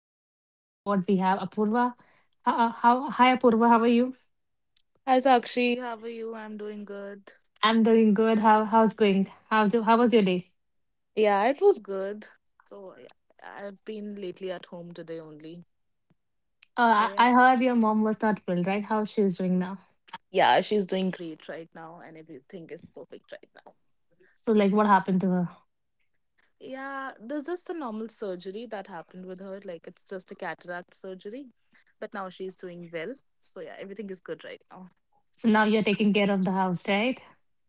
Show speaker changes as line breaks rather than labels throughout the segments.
and today we on board we have Apurva. How hi Apurva, how are you?
Hi Sakshi, how are you? I'm doing good.
I'm doing good. How's going? How was your day?
Yeah, it was good. So yeah, I've been lately at home today only. So
Uh, I,
yeah.
I heard your mom was not well, right? How she's doing now?
Yeah, she's doing great right now and everything is perfect right now.
So like, what happened to her?
Yeah, there's just a normal surgery that happened with her. Like it's just a cataract surgery. But now she's doing well. So yeah, everything is good right now.
So now you're taking care of the house, right?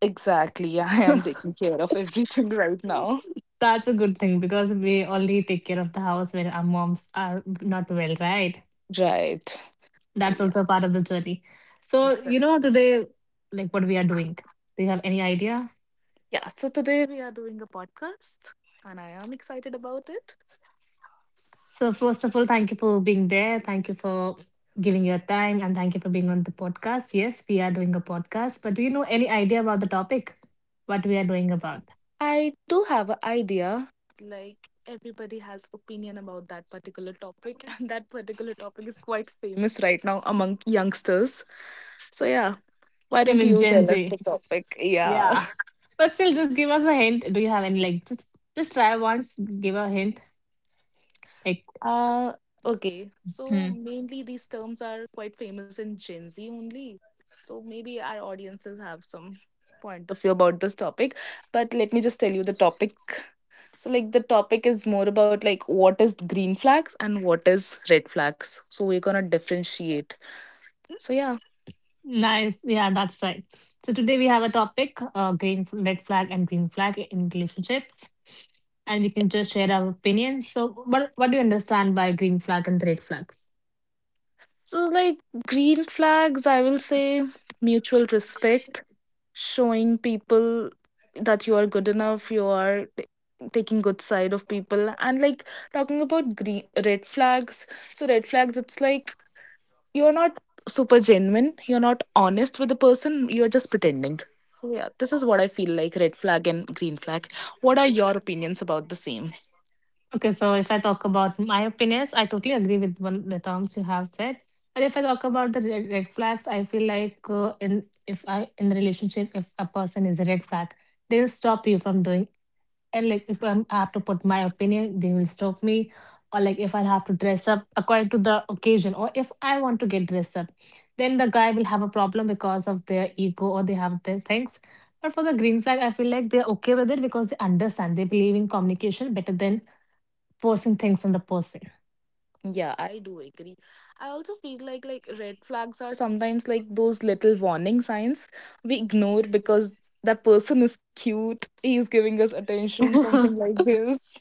Exactly. Yeah, I am taking care of everything right now.
That's a good thing because we only take care of the house when our moms are not well, right?
Right. So
That's
yeah.
also part of the journey. So you
Exactly.
know today, like what we are doing. Do you have any idea?
Yeah, so today we are doing a podcast and I am excited about it.
So, first of all, thank you for being there. Thank you for giving your time and thank you for being on the podcast. Yes, we are doing a podcast, but do you know any idea about the topic? What we are doing about?
I do have an idea. Like everybody has opinion about that particular topic and that particular topic is quite famous right now among youngsters. So yeah, why
I
don't
mean,
you
Gen
tell us
Z.
the topic? Yeah.
Yeah. But still, just give us a hint. Do you have any, like, just try once, give a hint. Like,
Uh okay.
hmm,
So mainly these terms are quite famous in Gen Z only. So maybe our audiences have some point of view about this topic, but let me just tell you the topic. So like the topic is more about like what is green flags and what is red flags. So we're gonna differentiate. So yeah.
nice. Yeah, that's right. So, today we have a topic red flag, and green flag in relationships. And we can just share our opinion. So, what do you understand by green flag and red flags?
So like green flags, I will say mutual respect, showing people that you are good enough, you are taking good side of people, and like talking about green red flags. So red flags, it's like you're not super genuine, you're not honest with the person, you're just pretending. So yeah, this is what I feel like red flag and green flag. What are your opinions about the same?
Okay, so if I talk about my opinions, I totally agree with one the terms you have said. But if I talk about the red flags, I feel like in the relationship, if a person is a red flag, they'll stop you from doing. And like if I'm, I have to put my opinion, they will stop me. Or like if I have to dress up according to the occasion, or if I want to get dressed up, then the guy will have a problem because of their ego or they have their things. But for the green flag, I feel like they're okay with it because they understand. They believe in communication better than forcing things on the person.
Yeah, I do agree. I also feel like red flags are sometimes like those little warning signs we ignore because that person is cute, he's giving us attention, something like this.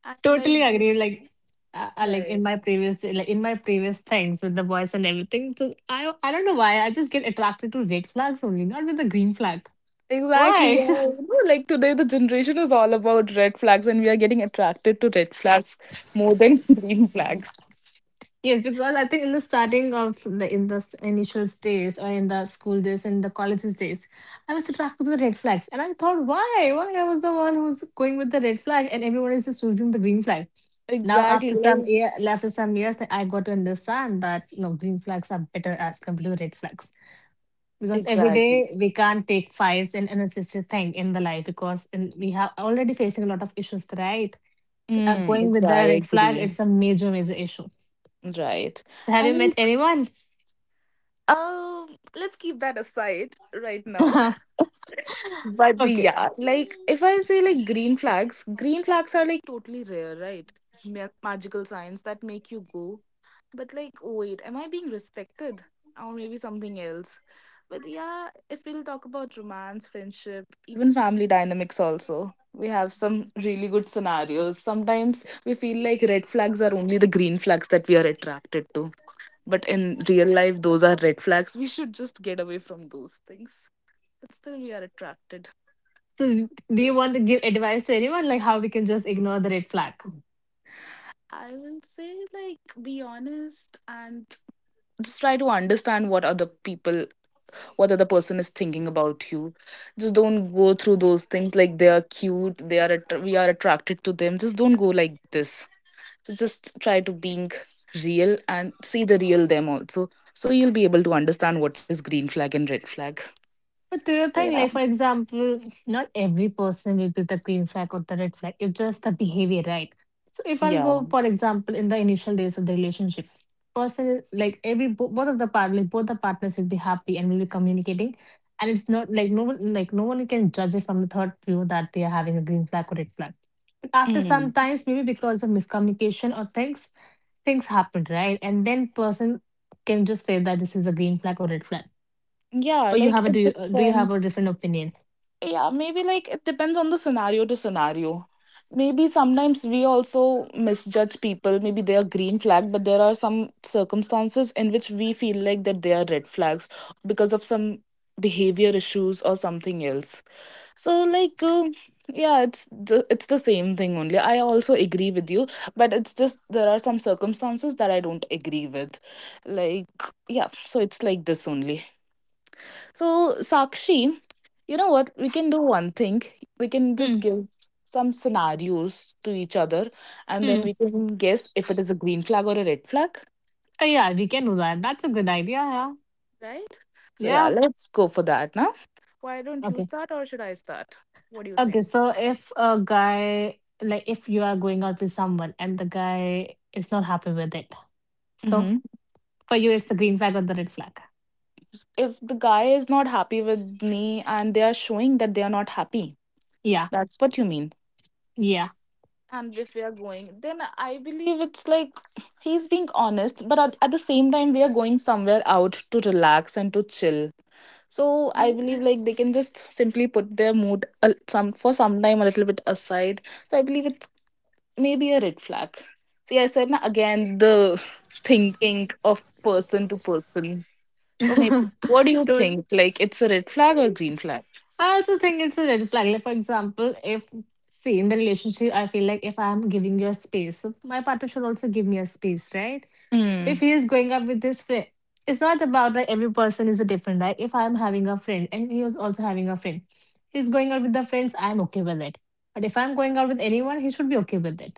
And like
Totally agree. Like,
right.
like in my previous things with the boys and everything. So I don't know why I just get attracted to red flags only, not with the green flag.
Exactly. Yeah.
Why?
You know, like today, the generation is all about red flags, and we are getting attracted to red flags more than green flags.
Yes, because I think in the starting of the in the st- initial days or in the school days in the colleges days, I was attracted to the red flags, and I thought, why? Why I was the one who's going with the red flag, and everyone is just choosing the green flag. Now,
Exactly. Like,
after some years, I got to understand that green flags are better as compared to red flags because every
exactly.
day we can't take fights and unnecessary thing in the life because we have already facing a lot of issues, right? Uh,
Mm,
going with the
exactly.
red flag, it's a major major issue.
Right.
So, have you met
And
anyone?
let's keep that aside right now. But
Okay.
yeah, like if I say like green flags are like totally rare, right? Magical signs that make you go. But like, oh wait, am I being respected? Or maybe something else. But yeah, if we'll talk about romance, friendship, even family dynamics also. We have some really good scenarios. Sometimes we feel like red flags are only the green flags that we are attracted to. But in real life, those are red flags. We should just get away from those things. But still, we are attracted.
So do
So,
you
yeah.
want to give advice to anyone like how we can just ignore the red flag?
I will say like be honest and just try to understand what other people what other person is thinking about you. Just don't go through those things like they are cute, they are we are attracted to them. Just don't go like this. So just try to being real and see the real them also. So you'll be able to understand what is green flag and red flag.
But do you
So
think
yeah.
like for example, not every person will be the green flag or the red flag. It's just the behavior, right? So if I'll
Yeah.
go, for example, in the initial days of the relationship, person like every bo- both of the part like both the partners will be happy and will be communicating. And it's not like no one can judge it from the third view that they are having a green flag or red flag. But after
Mm.
some times, maybe because of miscommunication or things, things happen, right? And then person can just say that this is a green flag or red flag.
Yeah,
Or you
like
have a
it
do you have a
depends
different opinion?
Yeah, maybe like it depends on the scenario to scenario. Maybe sometimes we also misjudge people. Maybe they are green flag, but there are some circumstances in which we feel like that they are red flags because of some behavior issues or something else. So like yeah, it's the same thing only. I also agree with you, but it's just there are some circumstances that I don't agree with. Like yeah, so it's like this only. So, Sakshi, you know what? We can do one thing. We can
Hmm.
just give some scenarios to each other and then
Hmm.
we can guess if it is a green flag or a red flag.
Oh yeah, we can do that. That's a good idea. Yeah.
Right? So, yeah,
Yeah.
let's go for that now. Why don't you
Okay.
start or should I start? What do you
Okay.
think?
So if a guy like if you are going out with someone and the guy is not happy with it, so
Hmm.
for you it's the green flag or the red flag?
If the guy is not happy with me and they are showing that they are not happy,
Yeah.
that's what you mean.
Yeah.
And if we are going, then I believe it's like he's being honest, but at the same time we are going somewhere out to relax and to chill, so I
Mhm.
believe like they can just simply put their mood some for some time a little bit aside. So I believe it's maybe a red flag. See, I said na, again the thinking of person to person. So maybe, what do you
So
think? Like it's a red flag or green flag?
I also think it's a red flag. Like, for example, if, see, in the relationship, I feel like if I'm giving you a space, so my partner should also give me a space, right? If
Mm,
he is going up with his friend, it's not about like every person is a different, right? If I'm having a friend and he is also having a friend, he's going out with the friends, I'm okay with it. But if I'm going out with anyone, he should be okay with it.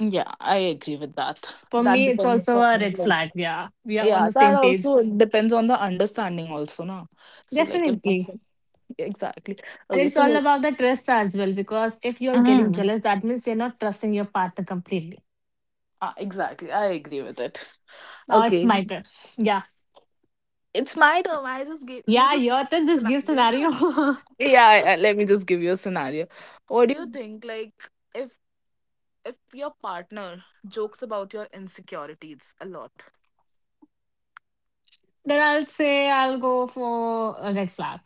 yeah, I agree with that.
So for
That
me, it's
depends
also
on,
a red
like,
flag. Yeah, we are on
yeah,
the
that
same page.
also depends on the understanding also, na. So like if
Definitely.
yeah, exactly.
And
Okay,
it's all about the trust as well, because if you're getting
mm.
jealous, that means you're not trusting your partner completely.
Ah, exactly. I agree with it.
Now it's
Okay.
my turn. Yeah.
It's my turn. I
Yeah,
just gave
your turn.
me a
This gives
scenario,
scenario.
na. Yeah, yeah, let me just give you a scenario. What do you think? Like if your partner jokes about your insecurities a lot,
Then I'll say I'll go for a red flag.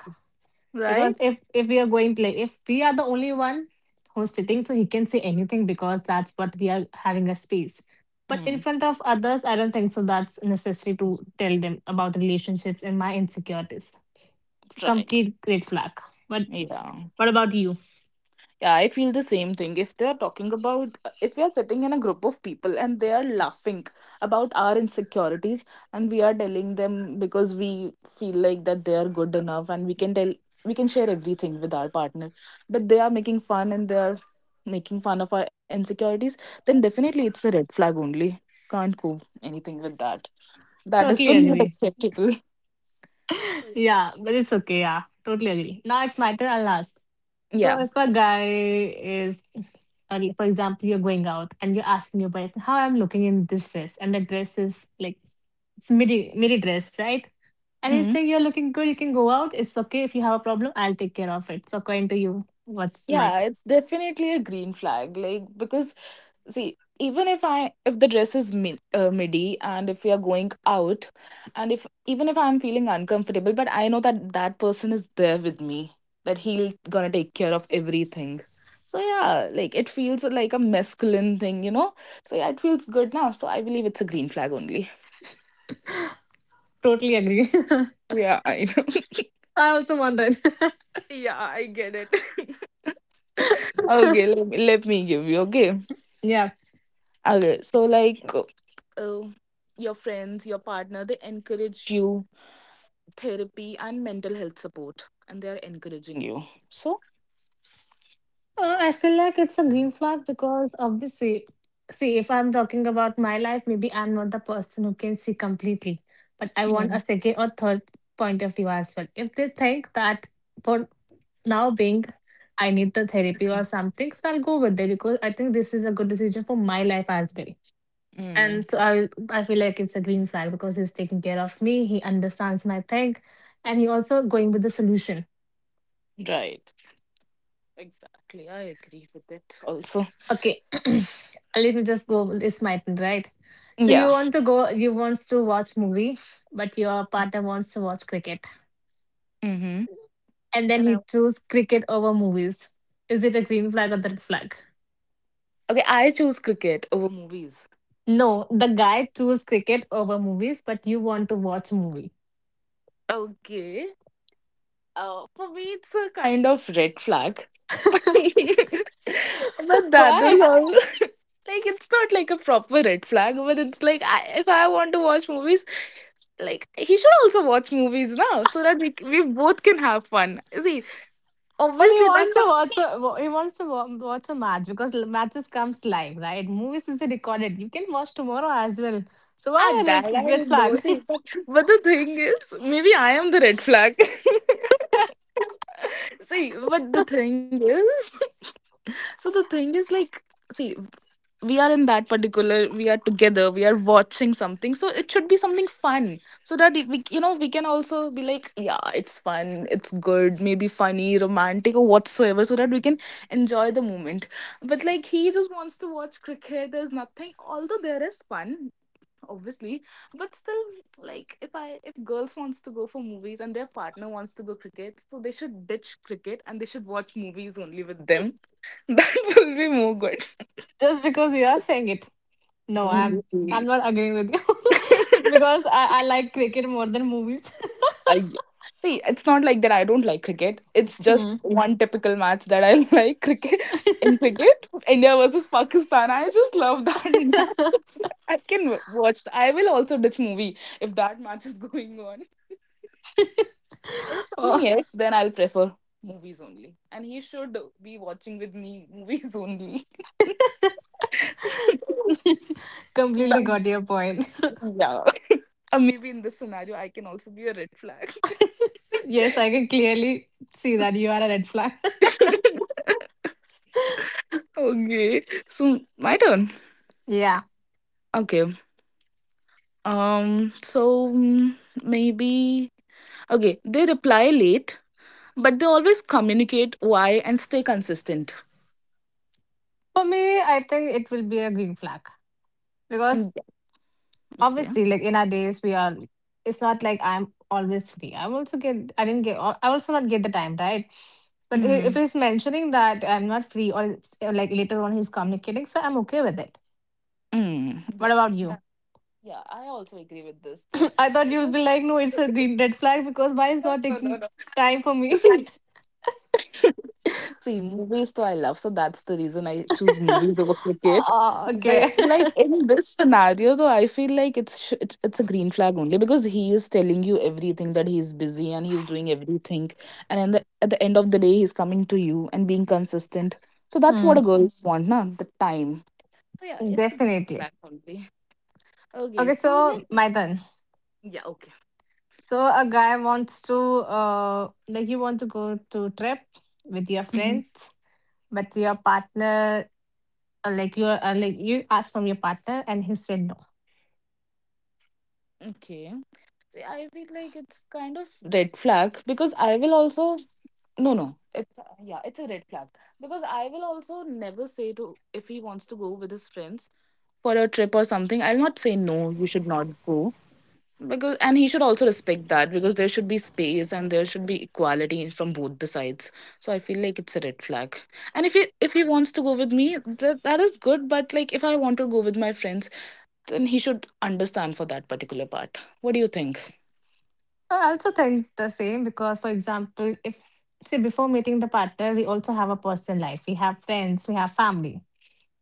Because
right?
if we are going to like if we are the only one who's sitting, so he can say anything because that's what we are having a space. But in
Mm.
front of others, I don't think so that's necessary to tell them about the relationships and my insecurities. It's a
Right.
complete red flag. But
Yeah.
what about you?
Yeah, I feel the same thing. If they're talking about, if we are sitting in a group of people and they are laughing about our insecurities, and we are telling them because we feel like that they are good enough and we can tell, we can share everything with our partner, but they are making fun and they are making fun of our insecurities, then definitely it's a red flag only. Can't go anything with that. That is
Totally
the not
agree.
acceptable.
Yeah, but it's okay. Yeah, totally agree. Now it's my turn. I'll ask. So
Yeah.
if a guy is, and for example, you're going out and you're asking your wife, "How I'm looking in this dress?" and the dress is like it's midi dress, right? And he's
Mhm.
saying you're looking good. You can go out. It's okay if you have a problem. I'll take care of it. So according to you, what's like?
Yeah, it's definitely a green flag. Like, because see, even if I if the dress is midi and if we are going out, and if even if I'm feeling uncomfortable, but I know that that person is there with me, that he'll gonna take care of everything. So yeah, like it feels like a masculine thing, you know. So yeah, it feels good now, so I believe it's a green flag only.
Totally agree.
Yeah, I know.
I also want that.
Yeah, I get it. Okay, let me give you. Okay,
Yeah.
okay so like uh, your friends your partner, they encourage you therapy and mental health support and they are encouraging you. So
I feel like it's a green flag because obviously, see, if I'm talking about my life, maybe I'm not the person who can see completely, but I want a
mm.
second or third point of view as well. If they think that for now being, I need the therapy or something, so I'll go with it because I think this is a good decision for my life as well. And
Mm,
so I feel like it's a green flag because he's taking care of me, he understands my thing, and he also going with the solution.
right, exactly, I agree with it also.
Okay, let me just go. It's my turn, right? So
Yeah.
you want to go? You wants to watch movie, but your partner wants to watch cricket,
Mm-hmm.
and then
and I
he choose cricket over movies. Is it a green flag or the red flag?
Okay, I choose cricket over movies.
No, the guy choose cricket over movies, but you want to watch movie.
Okay. For me, it's a kind of red flag. But that
Why?
is all. Like it's not like a proper red flag, but it's like I, if I want to watch movies, like he should also watch movies now, so that we both can have fun. See,
But
obviously that
he wants to watch a match because matches comes live, right? Movies is recorded. You can watch tomorrow as well. So why
ah,
a
that
red,
I
red
know.
flag?
See, but the thing is, maybe I am the red flag. See, but the thing is, so the thing is like. See, we are in that particular we are together, we are watching something, so it should be something fun, so that we, you know, we can also be like yeah it's fun it's good, maybe funny, romantic or whatsoever, so that we can enjoy the moment. But like he just wants to watch cricket, there's nothing. Although there is fun, obviously, but still, like if I if girls wants to go for movies and their partner wants to go cricket, so they should ditch cricket and they should watch movies only with them. That will be more good.
Just because you are saying it. No, I'm
Mhm.
I'm not agreeing with you because I like cricket more than movies.
I see. It's not like that I don't like cricket. It's
Hmm.
just one typical match that I like cricket. In cricket, India versus Pakistan. I just love that match. I can I will also ditch movie if that match is going on. But if
Oh,
something else, then I'll prefer movies only. And he should be watching with me movies only.
completely
That's,
got your point.
yeah. Maybe in this scenario, I can also be a red flag.
Yes, I can clearly see that you are a red flag.
Okay. So my turn.
Yeah.
Okay. So mm, maybe. Okay. They reply late, but they always communicate why and stay consistent.
For me, I think it will be a green flag
Mm,
because
yeah.
obviously, like in our days, we are. It's not like I'm always free. I also get. I didn't get. I also not get the time right.
Okay.
But if
Mm.
he's mentioning that I'm not free, or like later on he's communicating, so I'm okay with it.
Mm.
What
Yeah.
about you?
That. Yeah. I also agree with this. So
I thought you would be
because
like, no, it's a green red flag because why is not
no, no, no.
taking
No.
time for me?
See, movies though I love, so that's the reason I choose movies over cricket.
Ah, okay.
But like in this scenario, though, I feel like it's a green flag only because he is telling you everything that he's busy and he's doing everything, and in the, at the end of the day, he's coming to you and being consistent. So that's what
Hmm,
a girls want, na? The time. So yeah, it's a green
definitely.
flag only. Okay,
Okay,
so like
so my turn.
yeah, okay.
So a guy wants to like you want to go to trip with your
Mhm.
friends, but your partner like you asked from your partner and he said no.
Okay. See, I feel like it's kind of red flag because I will also No, no. Yeah, it's a red flag because I will also never say to, if he wants to go with his friends for a trip or something, I'll not say no, you should not go, because and he should also respect that because there should be space and there should be equality from both the sides. So I feel like it's a red flag. And if he wants to go with me, that is good. But like if I want to go with my friends, then he should understand for that particular part. What do you think?
I also think the same because for example, if say before meeting the partner, we also have a personal life. We have friends, we have family.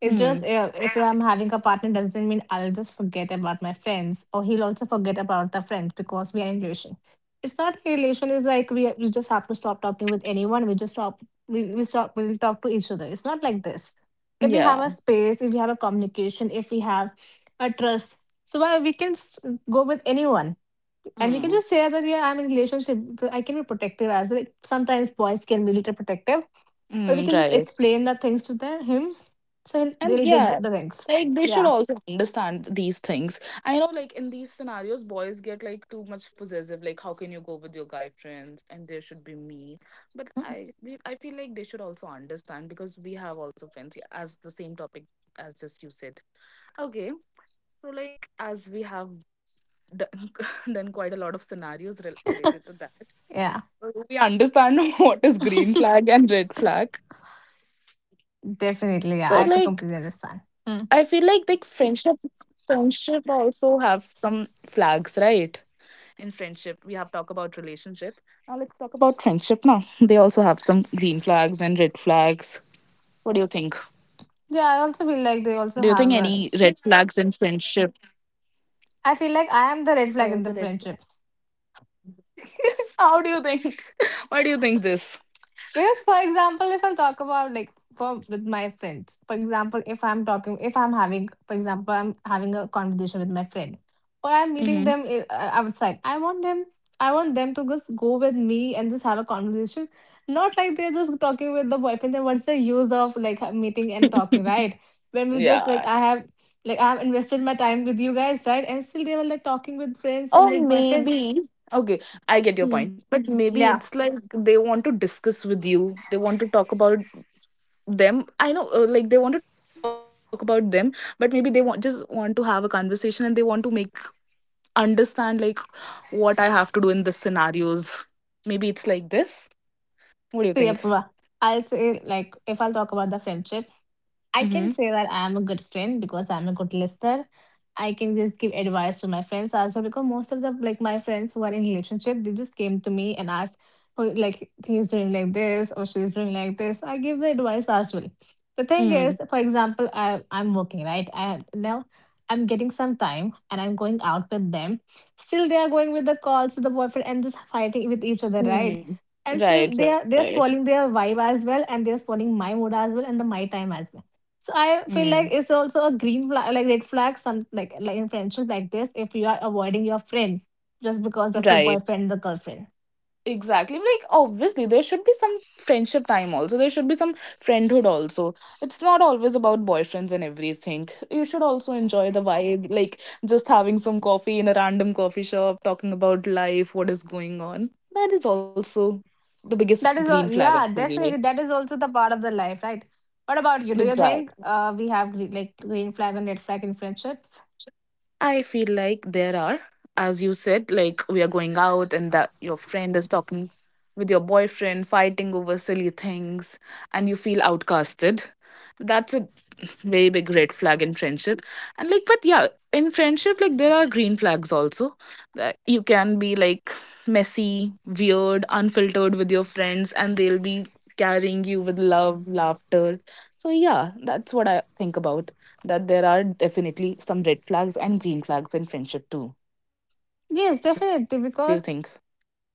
It's just
Mm.
if I'm having a partner doesn't mean I'll just forget about my friends or he'll also forget about the friend because we are in relation. It's not a relation. It's like we just have to stop talking with anyone. We just stop. We stop. We'll talk to each other. It's not like this. If we have a
Yeah.
space, if we have a communication, if we have a trust, so why we can go with anyone and we can
Mm.
just say that yeah, I'm in relationship. So I can be protective as well. Sometimes boys can be little protective or we
Mm,
can just
right.
explain the things to them, him, so
And
they'll
yeah,
get the things.
like they should
Yeah.
also understand these things. I know, like in these scenarios, boys get like too much possessive. Like, how can you go with your guy friends? And there should be me. But
Mm,
I feel like they should also understand because we have also friends, yeah, as the same topic as just you said. Okay, so like as we have done, done quite a lot of scenarios related to that,
yeah,
so we understand what is green flag and red flag. So like
definitely.
I
Yeah, I
feel
to
like
completely understand.
friendship
Hmm.
friendship also have some flags, right? In friendship, we have talk about relationship. Now let's talk about friendship now. They also have some green flags and red flags. What do you think?
Yeah, I
Do
also
you
feel
think
like they
any
also
red
have.
flags
A,
in friendship?
I feel like I
Oh,
am
the
the
red
red flag
flag.
in the friendship.
How do you think? Why do you think this?
Because, for example, if I talk about like for with my friends, for example, if I'm talking, if I'm having, for example, I'm having a conversation with my friend, or I'm
Mm-hmm.
meeting them outside, I want them to just go with me and just have a conversation, not like they're just talking with the boyfriend. Then what's the use of like meeting and talking, right? When we just like
Yeah.
I have like I have invested my time with you guys, right? And still they were like talking with friends and
Oh,
like boyfriends.
maybe. Okay, I get your
Hmm.
point. But maybe
Yeah.
it's like they want to discuss with you. They want to talk about them. I know, like they want to talk about them, but maybe they want just want to have a conversation and they want to make understand like what I have to do in this scenarios. Maybe it's like this. What do you think?
So yeah, I'll say like if I'll talk about the friendship, I can
Mm-hmm.
say that I'm a good friend because I'm a good listener. I can just give advice to my friends as well because most of the like my friends who are in relationship, they just came to me and asked, oh, like he's doing like this or she's doing like this. I give the advice as well. The thing is,
Mm.
for example, I'm working right. I now I'm getting some time and I'm going out with them. Still, they are going with the calls with the boyfriend and just fighting with each other, right?
Mm.
And still, they
Right,
are they're
right.
spoiling their vibe as well, and they're spoiling my mood as well and the my time as well, so I feel
Mm.
like it's also a green flag, like red flag, some like in friendship like this. If you are avoiding your friend just because of your
Right.
boyfriend or girlfriend,
Exactly. Like, obviously, there should be some friendship time also. There should be some friendhood also. It's not always about boyfriends and everything. You should also enjoy the vibe, like just having some coffee in a random coffee shop, talking about life, what is going on. That is also the biggest
that is
green
all.
flag,
Yeah,
actually.
definitely, that is also the part of the life, right? What about you? Do you think
Exactly.
we have green, like green flag and red flag in friendships?
I feel like there are, as you said, like we are going out and that your friend is talking with your boyfriend, fighting over silly things, and you feel outcasted. That's a very big red flag in friendship. And like, but yeah, in friendship, like there are green flags also, that you can be like messy, weird, unfiltered with your friends and they'll be carrying you with love, laughter. So yeah, that's what I think about, that there are definitely some red flags and green flags in friendship too.
Yes,
What do you think?
definitely, because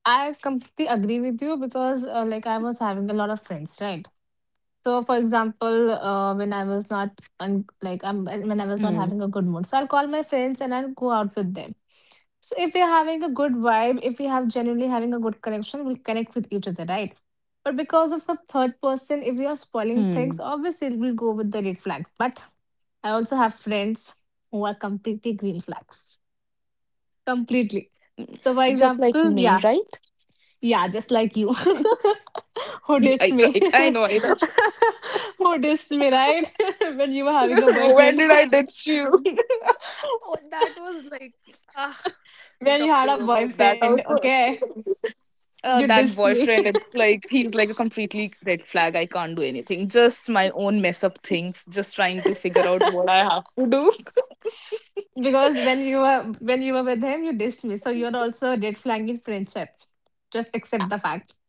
I
Huh.
completely agree with you because like I was having a lot of friends, right? So, for example, when I was not
Mm,
when I was not having a good mood, so I'll call my friends and I'll go out with them. So, if we're having a good vibe, if we have genuinely having a good connection, we'll connect with each other, right? But because of some third person, if we are
mm.
spoiling things, obviously we'll go with the red flags. But I also have friends who are completely green flags, completely. So,
Just
for
like me,
example,
right?
yeah, yeah, just like you. Who
Right,
dissed
right,
me?
I know, I know.
Who dissed me, right? When you were having a
When
boyfriend.
did I ditch you? Oh, that was like, ah, I'll
When you
talk to
had a
you about that
boyfriend,
also.
okay? You dissed
That
me.
boyfriend, it's like he's like a completely red flag. I can't do anything. Just my own mess up things. Just trying to figure out what I have to do.
Because when you were with him, you dissed me. So you're also red flagging friendship. Just accept the fact.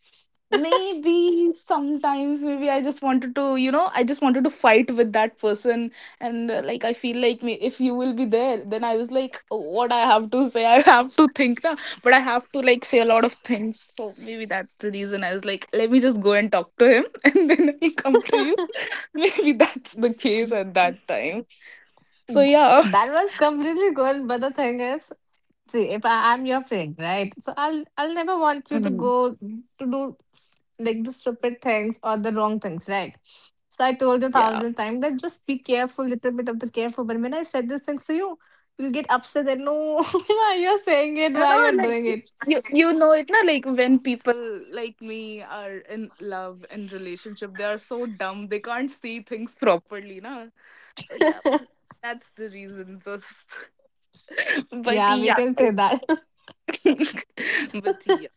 Maybe sometimes maybe I just wanted to, I just wanted to fight with that person and like I feel like me, if you will be there, then I was like, "Oh, what I have to say, I have to think, na, but I have to like say a lot of things," so maybe that's the reason I was like let me just go and talk to him, and then I will come to you. Maybe that's the case at that time. So yeah.
That was completely good, but the thing is, see, if I, I'm your friend, right? So I'll
Mhm.
never want you to go to do like the stupid things or the wrong things, right? So I
Yeah.
told you a thousand times that just be careful, little bit of the careful. But when I said these things to you, you'll get upset that no, why you're saying it,
You
why you're
know,
doing
like
it.
you know it, na, like when people like me are in love and relationship, they are so dumb they can't see things properly, na. So yeah, that's the reason. Just, but
Yeah, we
yeah,
can say that.
but yeah,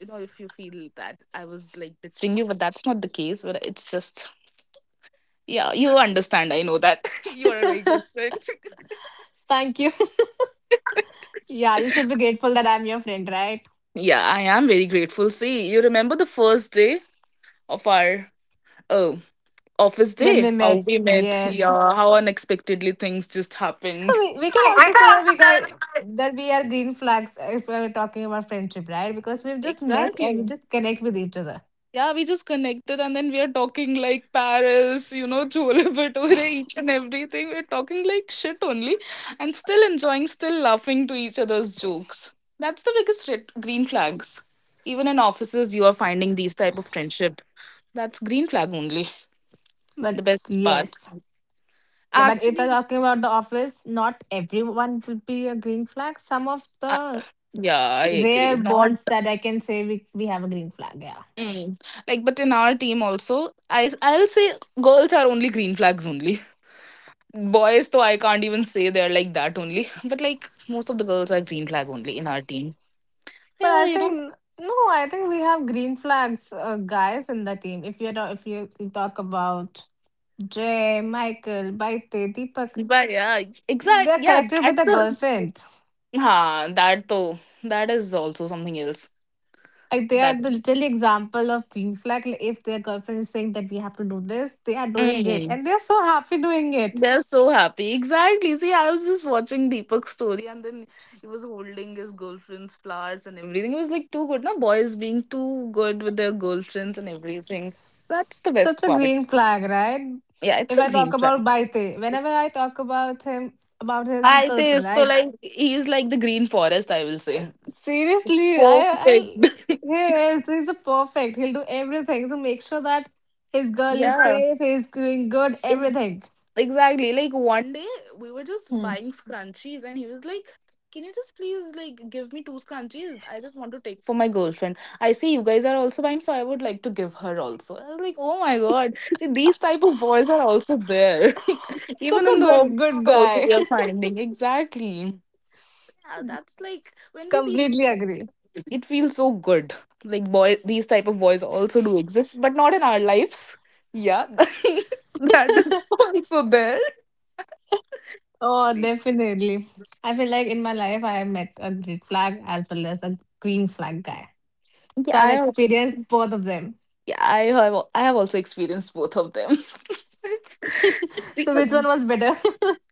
you know, if you feel that I was like ditching you, but that's not the case. But it's just, yeah, you understand. I know that you are a very good friend.
Thank you. Yeah, you should be grateful that I'm your friend, right?
Yeah, I am very grateful. See, you remember the first day of our um office
Then
day,
we
how
met.
we met,
Yes.
yeah, how unexpectedly things just
So
happened.
we can also say that we guys that we are green flags if we're talking about friendship, right? Because we've just met and we
Exactly.
just connect with each other.
Yeah, we just connected and then we are talking like Paris, you know, Chole Bhature, each and everything. We're talking like shit only and still enjoying, still laughing to each other's jokes. That's the biggest red, green flags. Even in offices, you are finding these type of friendship. That's green flag only. The
But
best part.
yes. Like, but if I'm
Actually,
talking about the office, not everyone will be a green flag. Some of
uh,
the
yeah, I agree.
rare
Not
bonds that I can say we have a green flag, yeah.
mm. Like, but in our team also, I'll say girls are only green flags only. Boys, though, I can't even say they're like that only. But like most of the girls are green flag only in our team.
But
Yeah,
I
you know.
think no, I think we have green flags guys in the team. If you talk about Jay, Michael, Baite, Deepak,
But yeah, exact.
they're
Yeah,
connected
that's
with a
the.
girlfriend.
Ha, that though. That is also something else.
Like they
That.
are the literal example of green flag. Like if their girlfriend is saying that we have to do this, they are doing it,
Mm.
and they are so happy doing it.
They're so happy. Exactly. See, I was just watching Deepak's story and then he was holding his girlfriend's flowers and everything. It was like too good. Now, boys being too good with their girlfriends and everything. That's the
Such
best
a
part.
green flag, right?
Yeah, it's
If
a
I talk
green track.
about Baite, whenever I talk about him, about his
I think
girlfriend,
so.
right?
Like, he's like the green forest, I will say.
Seriously,
Perfect.
I, he is, he's a perfect. He'll do everything to make sure that his girl is
Yeah.
safe. He's doing good, everything.
Exactly. Like one day we were just
Hmm.
buying scrunchies and he was like, "Can you just please like give me two scrunchies? I just want to take for my girlfriend. I see you guys are also buying, so I would like to give her also." I was like, "Oh my god." See, these type of boys are also there.
Such
Even
a
in the
good, good
offices also
guy.
we are finding. Exactly. Yeah, that's like when we see these
Completely
things.
agree.
It feels so good. Like boy, these type of boys also do exist, but not in our lives. Yeah. That is also there.
Oh,
Yeah,
definitely. I feel like in my life I have met a red flag as well as a green flag guy. So I've
I also.
experienced both of them.
Yeah, I have. I have also experienced both of them.
So which one was better?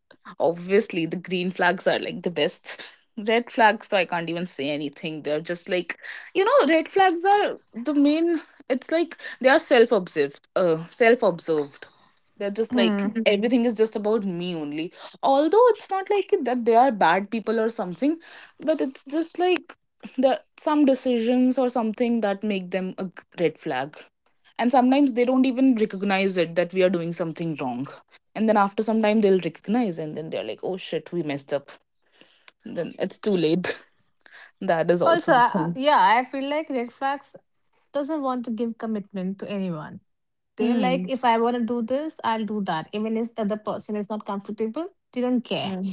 Obviously, the green flags are like the best. Red flags, so I can't even say anything. They're just like, you know, red flags are the main. It's like they are self-observed. Self-observed. They're just like
Hmm.
mhm. Everything is just about me only. Although it's not like that they are bad people or something, but it's just like the some decisions or something that make them a red flag. And sometimes they don't even recognize it that we are doing something wrong. And then after some time they'll recognize and then they're like, oh shit, we messed up. Then it's too late. That is also
Also,
the thing.
yeah, I feel like red flags doesn't want to give commitment to anyone. They're like,
Mm.
if I want to do this, I'll do that. Even if the other person is not comfortable, they don't care.
Yeah.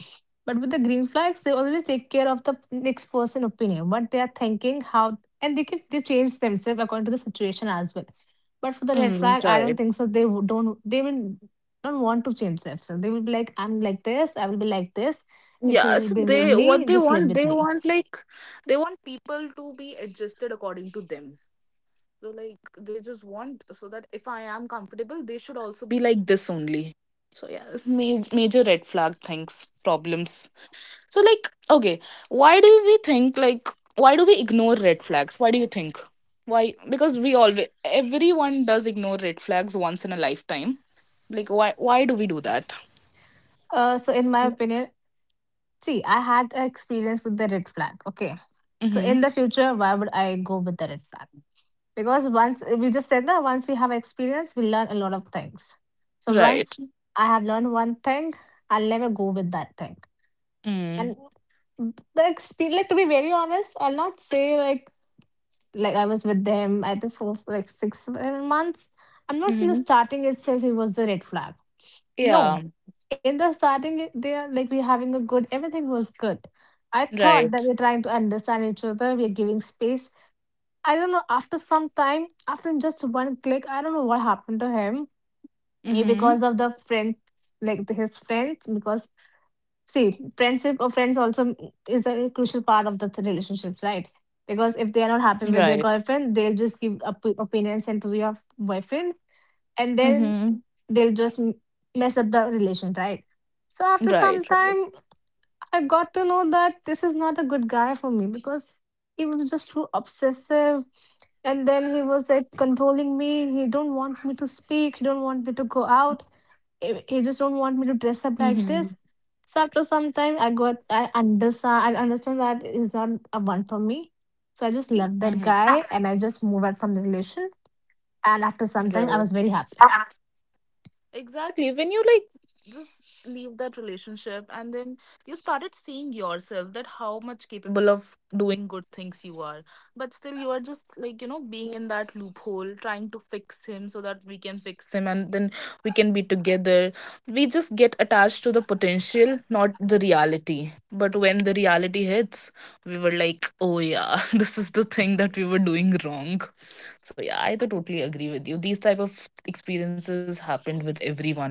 But with the green flags, they always take care of the next person opinion, what they are thinking, how, and they change themselves according to the situation as well. But for the red
Mm,
flag, I don't
right.
think so. Don't. They will don't want to change themselves. They will be like, I'm like this. I will be like this. If you
Yeah,
will
so
be with
they what
me, just live with
they
me.
want like they want people to be adjusted according to them. So like they just want so that if I am comfortable, they should also be like this only. So yeah, major, major red flag things, problems. So like okay, why do we think like why do we ignore red flags? Why do you think? Why? Because we always everyone does ignore red flags once in a lifetime. Like why do we do that?
So in my opinion, see, I had an experience with the red flag. Okay, so
Mm-hmm.
in the future, why would I go with the red flag? Because once we just said that once we have experience we learn a lot of things, so once
Right.
I have learned one thing I'll never go with that thing.
Mm.
And the experience, like to be very honest, I'll not say like I was with them I think for like six seven months. I'm not, in the
Mm-hmm.
starting itself it was the red flag, no,
Yeah.
in the starting they are like we having a good, everything was good. I thought that
Right.
we're trying to understand each other, we're giving space. I don't know, after some time, after just one click, I don't know what happened to him. Maybe
Mhm.
because of the friend, like his friends, because see, friendship or friends also is a crucial part of the relationships, right? Because if they are not happy
Right.
with your girlfriend, they'll just give opinions and to your boyfriend, and then
Mhm.
they'll just mess up the relation, right? So after
Right.
some
Right.
time, I got to know that this is not a good guy for me because he was just too obsessive, and then he was like controlling me, he don't want me to speak, he don't want me to go out, he just don't want me to
Mhm.
dress up like this. So after some time I understand that he's not a one for me, so I just left
Mhm.
that guy and I just moved out from the relation, and after some time I was very happy.
Right. Exactly. When you like just leave that relationship and then you started seeing yourself that how much capable of doing good things you are. But still you are just like, you know, being in that loophole, trying to fix him so that we can fix him and then we can be together. We just get attached to the potential, not the reality. But when the reality hits, we were like, oh yeah, this is the thing that we were doing wrong. So yeah, I to totally agree with you. These type of experiences happened with everyone.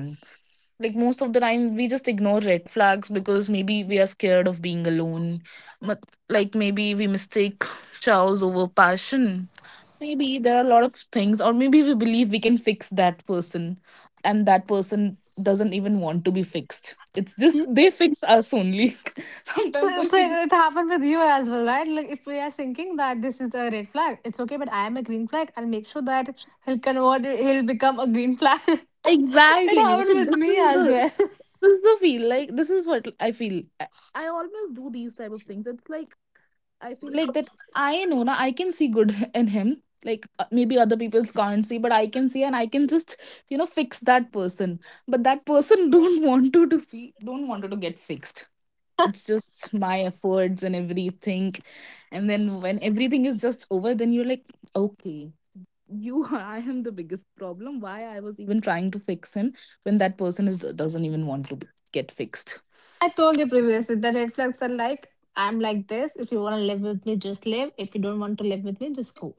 Like most of the time, we just ignore red flags because maybe we are scared of being alone. But like maybe we mistake chows over passion. Maybe there are a lot of things, or maybe we believe we can fix that person, and that person doesn't even want to be fixed. It's just
Mm.
they fix us only.
So,
Sometimes I
so
feel
it happened with you as well, right? Like if we are thinking that this is a red flag it's okay but I am a green flag, I'll make sure that he'll convert, he'll become a green flag. It
exactly.
happened
So
with
this
me
is
as
the,
well.
this is the feel like, this is what I feel. I always do these type of things. It's like I feel like that I know now I can see good in him, like, maybe other people can't see but I can see and I can just, you know, fix that person, but that person don't want to be, don't want to get fixed. It's just my efforts and everything, and then when everything is just over then you're like, okay, you, I am the biggest problem, why I was even trying to fix him when that person is doesn't even want to get fixed.
I told you previously the red flags are like, I'm like this. If you want to live with me, just live. If you don't want to live with me, just go.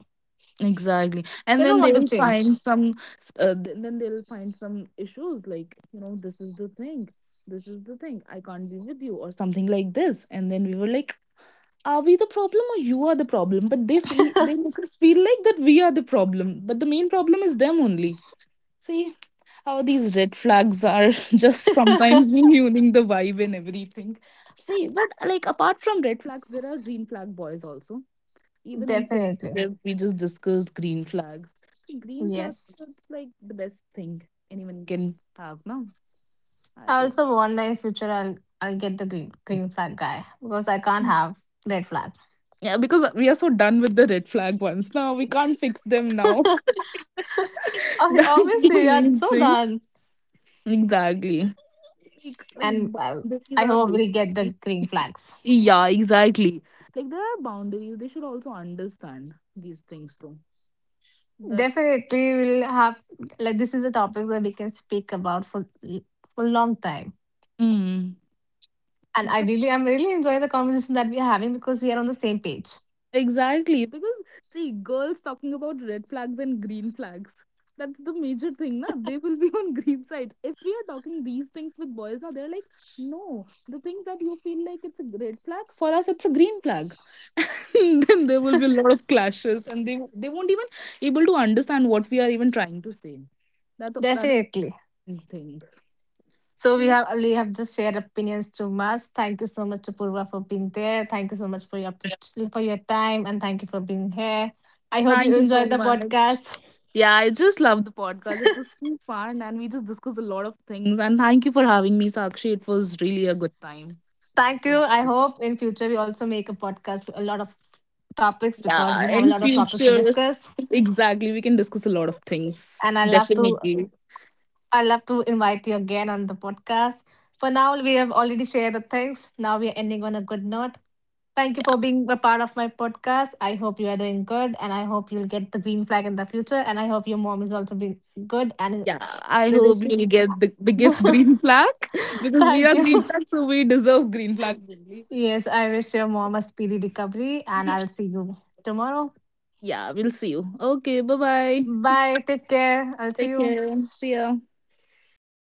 Exactly.
They
And
don't
then
want to
they'll
change.
find some then they'll find some issues, like, you know, this is the thing, this is the thing I can't be with you or something like this, and then we were like, are we the problem or you are the problem, but they feel, they make us feel like that we are the problem, but the main problem is them only. See how these red flags are just sometimes ruining the vibe and everything. See, but like apart from red flags, there are green flag boys also. Even in
Definitely.
friendship, we just discuss green flags. Green flags
Yes.
are like the best thing anyone can have now. I
I
don't.
also wonder in future I'll get the green green flag guy because I can't have red flag.
Yeah, because we are so done with the red flag ones now. We can't fix them now.
I
That's
obviously
the
I'm
main
so
thing.
done.
Exactly. Like
And well,
boundaries
I
are
hope we'll get
basically
the green flags.
yeah, exactly. Like there are boundaries. They should also understand these things too. That
Definitely we'll have, like, this is a topic that we can speak about for long time.
mm.
And ideally, I'm really enjoying the conversation that we are having because we are on the same page.
Exactly, because see, girls talking about red flags and green flags. That's the major thing, na? They will be on green side. If we are talking these things with boys, na, they're like, no, the things that you feel like it's a red flag for us, it's a green flag. And then there will be a lot of clashes, and they won't even able to understand what we are even trying to say. That is
Definitely.
the thing.
So
So,
we have just shared opinions too much. Thank you so much, Apurva, for being there. Thank you so much for your
yeah.
for your time and thank you for being here. I hope
Thank
you
you so
enjoyed the
much.
podcast.
Yeah, I just love the podcast. It was too fun and we just discussed a lot of things. And thank you for having me, Sakshi. It was really a good time
Thank
to
you.
have
I
this
hope in
podcast.
future we also make a podcast with a lot of topics because
Yeah,
we have a
in
lot of topics to
future.
discuss.
Exactly. We can discuss a lot of things.
And
Definitely.
I love to invite you again on the podcast. For now, we have already shared the things. Now we are ending on a good note. Thank you
Yeah.
for being a part of my podcast. I hope you are doing good and I hope you'll get the green flag in the future. And I hope your mom is also being good and
Yeah. I
we
hope
wish you.
you get the biggest green flag because we
Thank
are
you.
green flag, so we deserve green flags only.
Yes, I wish your mom a speedy recovery and
Yeah,
I'll see you tomorrow.
yeah, we'll see you. Okay, bye bye.
Bye. Take care. I'll see
Take
you.
care. See ya.